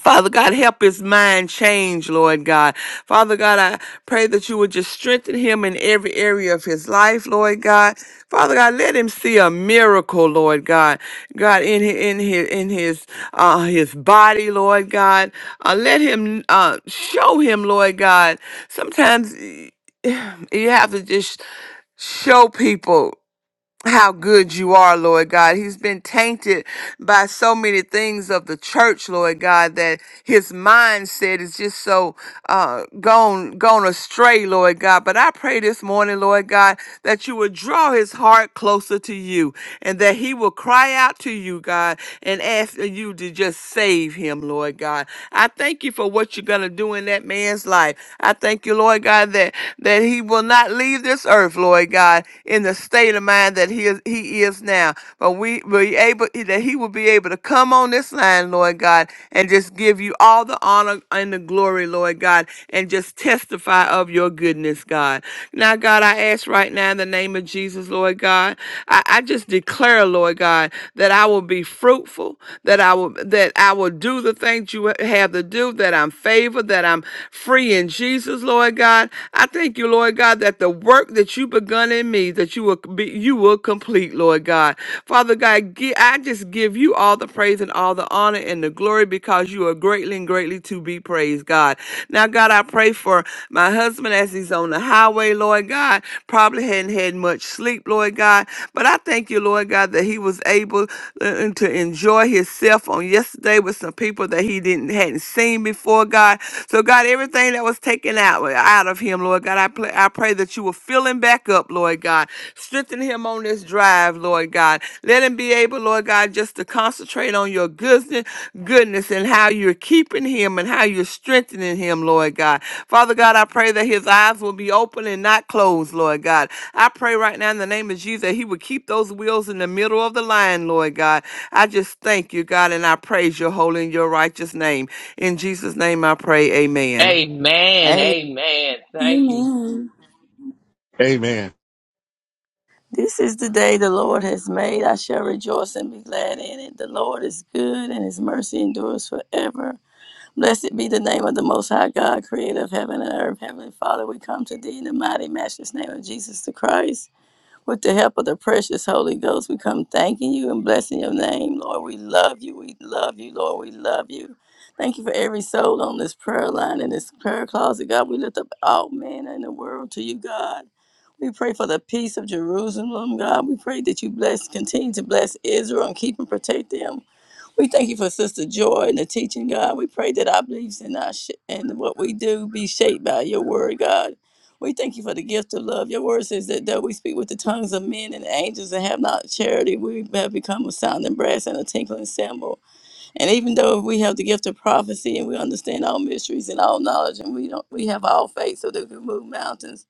Speaker 2: Father God, help his mind change, Lord God. Father God, I pray that you would just strengthen him in every area of his life, Lord God. Father God, let him see a miracle, Lord God. God, in his, in his, in his, uh, his body, Lord God. Uh, let him, uh, show him, Lord God. Sometimes you have to just show people how good you are, Lord God. He's been tainted by so many things of the church, Lord God, that his mindset is just so uh, gone gone astray, Lord God. But I pray this morning, Lord God, that you would draw his heart closer to you, and that he will cry out to you, God, and ask you to just save him, Lord God. I thank you for what you're gonna do in that man's life. I thank thank you, Lord God, that that he will not leave this earth, Lord God, in the state of mind that he is he is now. But we will be able that he will be able to come on this line, Lord God, and just give you all the honor and the glory, Lord God, and just testify of your goodness, God. Now, God, I ask right now in the name of Jesus, Lord God, I, I just declare, Lord God, that I will be fruitful, that I will that I will do the things you have to do, that I'm favored, that I'm free in Jesus, Lord God. I thank you, Lord God, that the work that you begun in me, that you will be, you will complete, Lord God. Father God, gi- I just give you all the praise and all the honor and the glory because you are greatly and greatly to be praised, God. Now, God, I pray for my husband as he's on the highway, Lord God, probably hadn't had much sleep Lord God. But I thank you, Lord God, that he was able uh, uh, to enjoy himself on yesterday with some people that he didn't hadn't seen before, God. So God, everything that was taken out out of him, Lord God, I pray, I pray that you will fill him back up, Lord God. Strengthen him on this drive, Lord God. Let him be able, Lord God, just to concentrate on your goodness, goodness and how you're keeping him and how you're strengthening him, Lord God. Father God, I pray that his eyes will be open and not closed, Lord God. I pray right now in the name of Jesus that He would keep those wheels in the middle of the line, Lord God. I just thank you, God, and I praise your holy and your righteous name. In Jesus' name I pray, amen.
Speaker 4: Amen.
Speaker 3: A-
Speaker 4: Amen. Thank you.
Speaker 6: amen
Speaker 5: Amen.
Speaker 3: This is the day the Lord has made. I shall rejoice and be glad in it. The Lord is good and his mercy endures forever. Blessed be the name of the Most High God, creator of heaven and earth. Heavenly Father, we come to thee in the mighty, matchless name of Jesus the Christ. With the help of the precious Holy Ghost, we come thanking you and blessing your name, Lord. We love you. We love you, Lord. We love you. Thank you for every soul on this prayer line and this prayer closet, God. We lift up all men in the world to you, God. We pray for the peace of Jerusalem, God. We pray that you bless, continue to bless Israel and keep and protect them. We thank you for Sister Joy and the teaching, God. We pray that our beliefs and our sh- and what we do be shaped by your word, God. We thank you for the gift of love. Your word says that though we speak with the tongues of men and angels and have not charity, we have become a sounding brass and a tinkling cymbal. And even though if we have the gift of prophecy and we understand all mysteries and all knowledge and we don't we have all faith so that we can move mountains.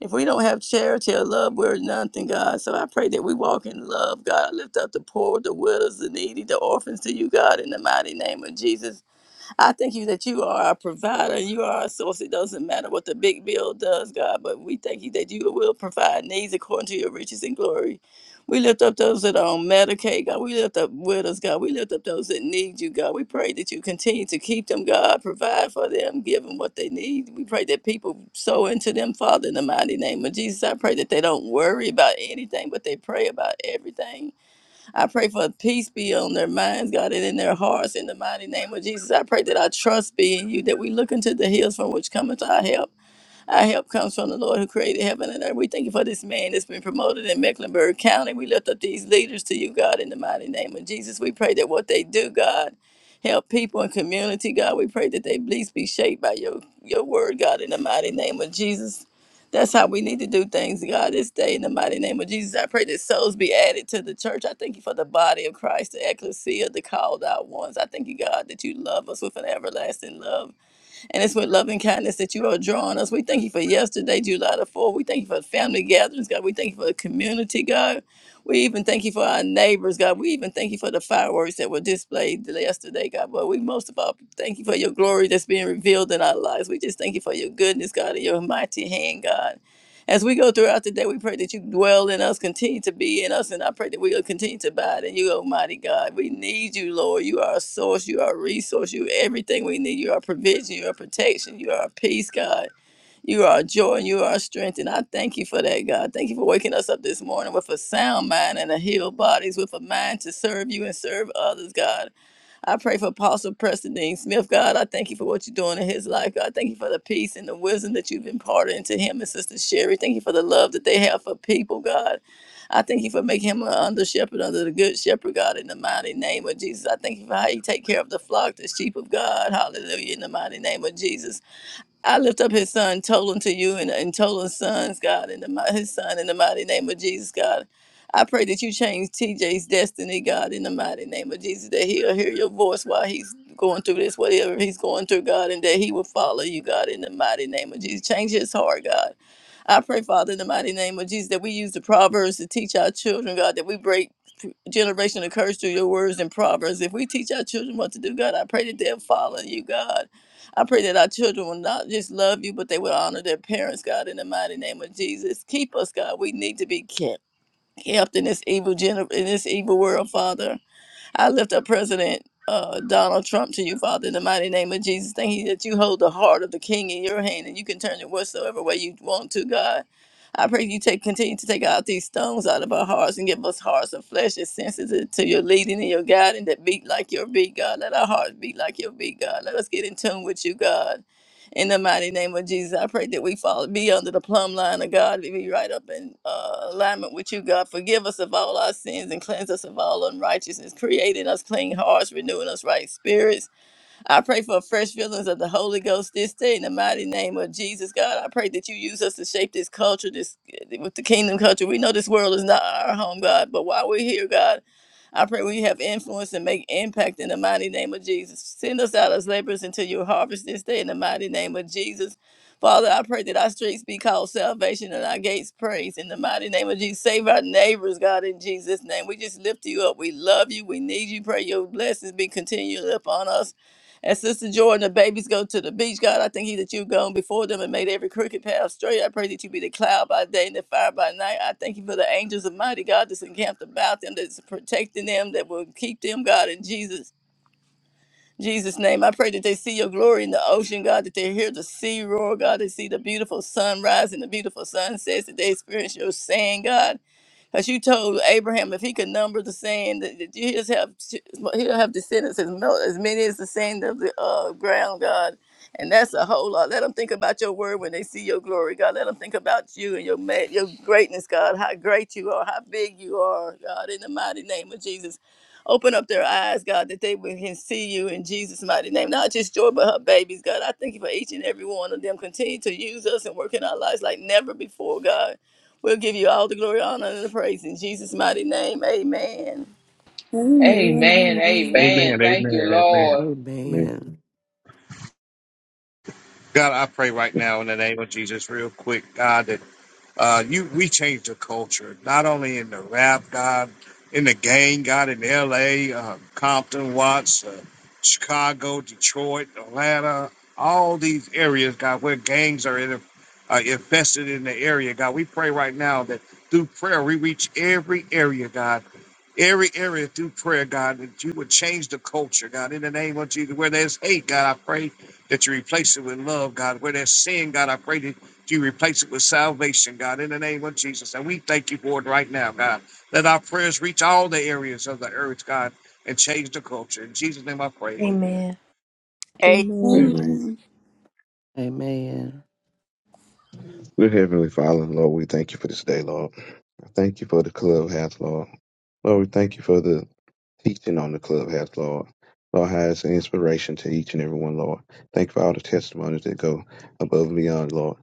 Speaker 3: If we don't have charity or love, we're nothing, God. So I pray that we walk in love, God. I lift up the poor, the widows, the needy, the orphans to you, God, in the mighty name of Jesus. I thank you that you are our provider. You are our source. It doesn't matter what the big bill does, God, but we thank you that you will provide needs according to your riches and glory. We lift up those that are on Medicaid, God. We lift up widows, God. We lift up those that need you, God. We pray that you continue to keep them, God, provide for them, give them what they need. We pray that people sow into them, Father, in the mighty name of Jesus. I pray that they don't worry about anything, but they pray about everything. I pray for peace be on their minds, God, and in their hearts in the mighty name of Jesus. I pray that our trust be in you, that we look into the hills from which cometh our help. Our help comes from the Lord who created heaven and earth. We thank you for this man that's been promoted in Mecklenburg County. We lift up these leaders to you, God, in the mighty name of Jesus. We pray that what they do, God, help people and community, God. We pray that they at least be shaped by your, your word, God, in the mighty name of Jesus. That's how we need to do things, God, this day in the mighty name of Jesus. I pray that souls be added to the church. I thank you for the body of Christ, the ecclesia, the called out ones. I thank you, God, that you love us with an everlasting love. And it's with love and kindness that you are drawing us. We thank you for yesterday, July the 4th. We thank you for family gatherings, God. We thank you for the community, God. We even thank you for our neighbors, God. We even thank you for the fireworks that were displayed yesterday, God. But we most of all thank you for your glory that's being revealed in our lives. We just thank you for your goodness, God, and your mighty hand, God. As we go throughout the day, we pray that you dwell in us, continue to be in us, and I pray that we'll continue to abide in you, Almighty God. We need you, Lord. You are our source, you are our resource, you are everything we need. You are our provision, you are our protection, you are our peace, God. You are our joy and you are our strength. And I thank you for that, God. Thank you for waking us up this morning with a sound mind and a healed bodies, with a mind to serve you and serve others, God. I pray for Apostle Preston Dean Smith, God. I thank you for what you're doing in his life, God. Thank you for the peace and the wisdom that you've imparted into him and Sister Sherry. Thank you for the love that they have for people, God. I thank you for making him an under shepherd under the good shepherd, God, in the mighty name of Jesus. I thank you for how you take care of the flock, the sheep of God. Hallelujah, in the mighty name of Jesus. I lift up his son, Tolan, to you and, and Tolan's sons, God, and the, mi- his son in the mighty name of Jesus, God. I pray that you change TJ's destiny, God, in the mighty name of Jesus, that he'll hear your voice while he's going through this, whatever he's going through, God, and that he will follow you, God, in the mighty name of Jesus. Change his heart, God. I pray, Father, in the mighty name of Jesus, that we use the Proverbs to teach our children, God, that we break generational curse through your words and Proverbs. If we teach our children what to do, God, I pray that they'll follow you, God. I pray that our children will not just love you, but they will honor their parents, God, in the mighty name of Jesus. Keep us, God. We need to be kept. Kept in this evil gener- in this evil world, Father. I lift up President uh, Donald Trump to you, Father, in the mighty name of Jesus. Thank you that you hold the heart of the king in your hand and you can turn it whatsoever way you want to, God. I pray you take continue to take out these stones out of our hearts and give us hearts of flesh that's sensitive to your leading and your guiding that beat like your beat, God. Let our hearts beat like your beat, God. Let us get in tune with you, God. In the mighty name of Jesus, I pray that we fall be under the plumb line of God, we be right up in uh, alignment with you, God. Forgive us of all our sins and cleanse us of all unrighteousness. Create in us clean hearts, renewing us right spirits. I pray for fresh feelings of the Holy Ghost this day in the mighty name of Jesus, God. I pray that you use us to shape this culture, this with the kingdom culture. We know this world is not our home, God, but while we're here, God, I pray we have influence and make impact in the mighty name of Jesus. Send us out as laborers into your harvest this day in the mighty name of Jesus. Father, I pray that our streets be called salvation and our gates praise in the mighty name of Jesus. Save our neighbors, God, in Jesus' name. We just lift you up. We love you. We need you. Pray your blessings be continually upon us. And Sister Jordan, the babies go to the beach. God, I thank you that you've gone before them and made every crooked path straight. I pray that you be the cloud by day and the fire by night. I thank you for the angels of mighty God that's encamped about them, that's protecting them, that will keep them, God, in Jesus. Jesus' name, I pray that they see your glory in the ocean, God, that they hear the sea roar, God, they see the beautiful sunrise and the beautiful sunsets, that they experience your sand, God. Because you told Abraham if he could number the sand, that that he'll have he'll have descendants as mil- as many as the sand of the uh, ground, God. And that's a whole lot. Let them think about your word when they see your glory, God. Let them think about you and your ma- your greatness, God. How great you are, how big you are, God. In the mighty name of Jesus, open up their eyes, God, that they will- can see you in Jesus' mighty name. Not just Joy, but her babies, God. I thank you for each and every one of them. Continue to use us and work in our lives like never before, God. We'll give you all the glory, honor, and the praise in Jesus' mighty name. Amen.
Speaker 4: Amen.
Speaker 6: Amen.
Speaker 4: Amen.
Speaker 5: Amen.
Speaker 4: Thank you,
Speaker 5: Amen. Amen.
Speaker 4: Lord.
Speaker 7: Amen.
Speaker 2: Amen.
Speaker 5: God, I pray right now in the name of Jesus, real quick, God, that uh, you we changed the culture, not only in the rap god, in the gang god, in L.A., uh, Compton, Watts, uh, Chicago, Detroit, Atlanta, all these areas, God, where gangs are in, uh, infested in the area, God. We pray right now that through prayer we reach every area, God. Every area through prayer, God, that you would change the culture, God, in the name of Jesus. Where there's hate, God, I pray that you replace it with love, God. Where there's sin, God, I pray that you replace it with salvation, God, in the name of Jesus. And we thank you for it right now, God. Let our prayers reach all the areas of the earth, God, and change the culture. In Jesus' name I pray. Amen.
Speaker 1: Amen. Amen.
Speaker 7: Amen.
Speaker 6: Amen.
Speaker 2: Amen.
Speaker 7: Dear Heavenly Father, Lord, we thank you for this day, Lord. I Thank you for the clubhouse, Lord. Lord, we thank you for the teaching on the clubhouse, Lord. Lord, how it's an inspiration to each and every one, Lord. Thank you for all the testimonies that go above and beyond, Lord.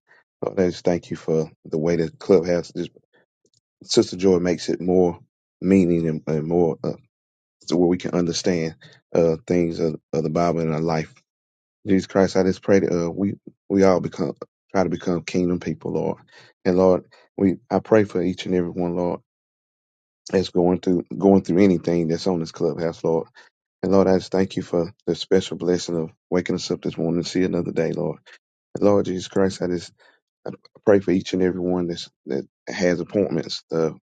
Speaker 7: Lord, I just thank you for the way the clubhouse, this- Sister Joy makes it more meaning and, and more uh, so where we can understand uh, things of, of the Bible in our life Jesus Christ, I just pray that uh, we we all become try to become kingdom people, Lord. And Lord, we I pray for each and every one, Lord, that's going through going through anything that's on this clubhouse, Lord. And Lord, I just thank you for the special blessing of waking us up this morning to see another day, Lord. And Lord Jesus Christ, I just I pray for each and every one that's, that has appointments, the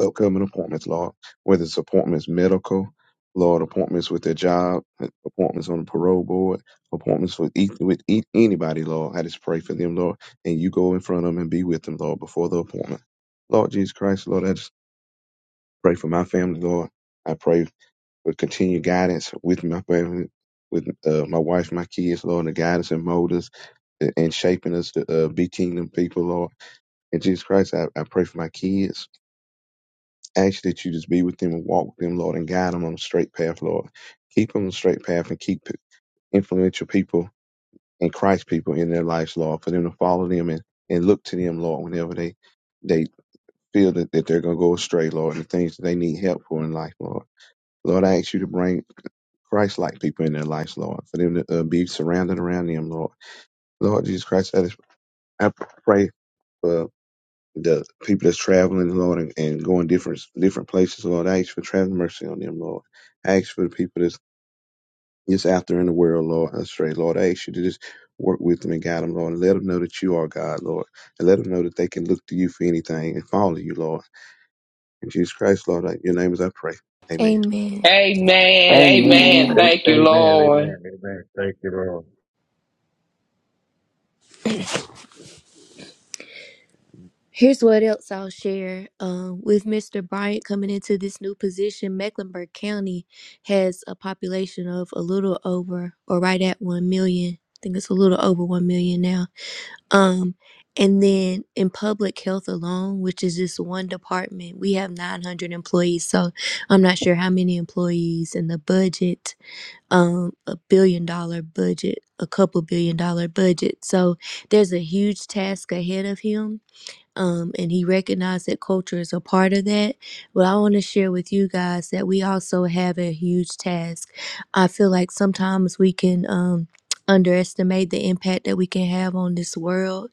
Speaker 7: upcoming appointments, Lord, whether it's appointments medical, Lord, appointments with their job, appointments on the parole board, appointments with, each, with e- anybody, Lord. I just pray for them, Lord, and you go in front of them and be with them, Lord, before the appointment. Lord Jesus Christ, Lord, I just pray for my family, Lord. I pray for continued guidance with my family, with uh, my wife, my kids, Lord, and the guidance and mold us and shaping us to uh, be kingdom people, Lord. And Jesus Christ, I, I pray for my kids. Ask that you just be with them and walk with them, Lord, and guide them on the straight path, Lord. Keep them on the straight path and keep influential people and Christ people in their lives, Lord, for them to follow them and, and look to them, Lord, whenever they, they feel that, that they're going to go astray, Lord, and the things that they need help for in life, Lord. Lord, I ask you to bring Christ like people in their lives, Lord, for them to uh, be surrounded around them, Lord. Lord Jesus Christ, I, just, I pray for the people that's traveling, Lord, and, and going different different places, Lord. I ask for traveling mercy on them, Lord. I ask for the people that's just out there in the world, Lord, astray, Lord. I ask you to just work with them and guide them, Lord, and let them know that you are God, Lord, and let them know that they can look to you for anything and follow you, Lord. In Jesus Christ, Lord, I- your name is I pray. Amen.
Speaker 1: Amen.
Speaker 4: Amen. Amen.
Speaker 2: Amen.
Speaker 6: Amen.
Speaker 4: Thank
Speaker 5: A-
Speaker 4: you,
Speaker 5: Amen.
Speaker 4: Lord.
Speaker 5: Amen. Amen. Thank you, Lord.
Speaker 1: Here's what else I'll share. Um, with Mr. Bryant coming into this new position, Mecklenburg County has a population of a little over or right at 1 million. I think it's a little over 1 million now. Um, and then in public health alone, which is just one department, we have 900 employees. So I'm not sure how many employees and the budget um, a billion dollar budget, a couple billion dollar budget. So there's a huge task ahead of him um, and he recognized that culture is a part of that. But I want to share with you guys that we also have a huge task. I feel like sometimes we can um, underestimate the impact that we can have on this world.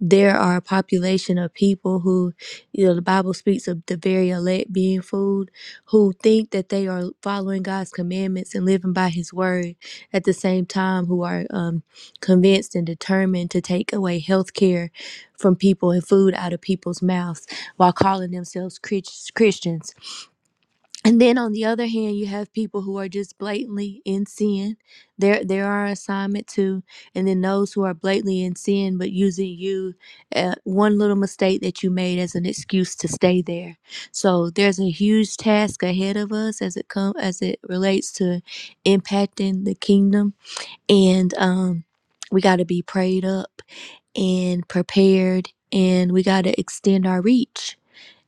Speaker 1: There are a population of people who, you know, the Bible speaks of the very elect being food, who think that they are following God's commandments and living by His word. At the same time, who are um, convinced and determined to take away health care from people and food out of people's mouths while calling themselves Chris- Christians. And then on the other hand, you have people who are just blatantly in sin. There, there are assignment too. And then those who are blatantly in sin, but using you, uh, one little mistake that you made as an excuse to stay there. So there's a huge task ahead of us as it come as it relates to impacting the kingdom. And um, we got to be prayed up and prepared, and we got to extend our reach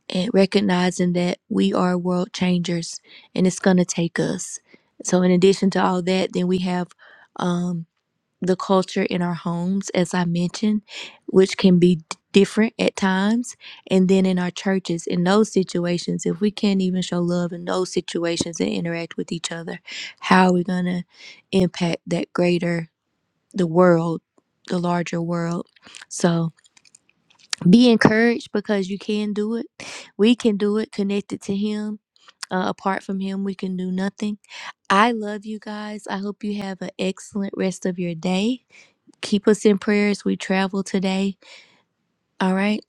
Speaker 1: and recognizing that we are world changers and it's going to take us. So, in addition to all that, then we have um, the culture in our homes, as I mentioned, which can be d- different at times. And then in our churches, in those situations, if we can't even show love in those situations and interact with each other, how are we going to impact that greater, the world, the larger world? So, be encouraged because you can do it. We can do it connected to Him. Uh, apart from Him, we can do nothing. I love you guys. I hope you have an excellent rest of your day. Keep us in prayer as we travel today. All right.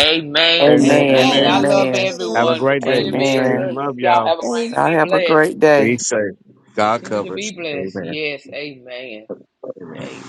Speaker 4: Amen.
Speaker 5: Amen.
Speaker 2: Amen.
Speaker 6: Amen.
Speaker 4: Amen. I
Speaker 5: Amen.
Speaker 6: Love you
Speaker 4: love
Speaker 2: Amen.
Speaker 6: too.
Speaker 5: Have a
Speaker 4: everyone.
Speaker 5: great day.
Speaker 4: Continue to
Speaker 5: Be
Speaker 4: be
Speaker 5: safe.
Speaker 2: Amen.
Speaker 4: encouraged.
Speaker 5: Love
Speaker 4: Y'all
Speaker 5: y'all.
Speaker 4: have a
Speaker 6: Stay.
Speaker 2: Y'all
Speaker 4: great day. Be
Speaker 2: have a
Speaker 4: blessed.
Speaker 2: great day.
Speaker 5: Be safe. God
Speaker 4: Continue to
Speaker 5: covers.
Speaker 4: be blessed.
Speaker 5: Amen.
Speaker 4: Yes. Amen. Amen.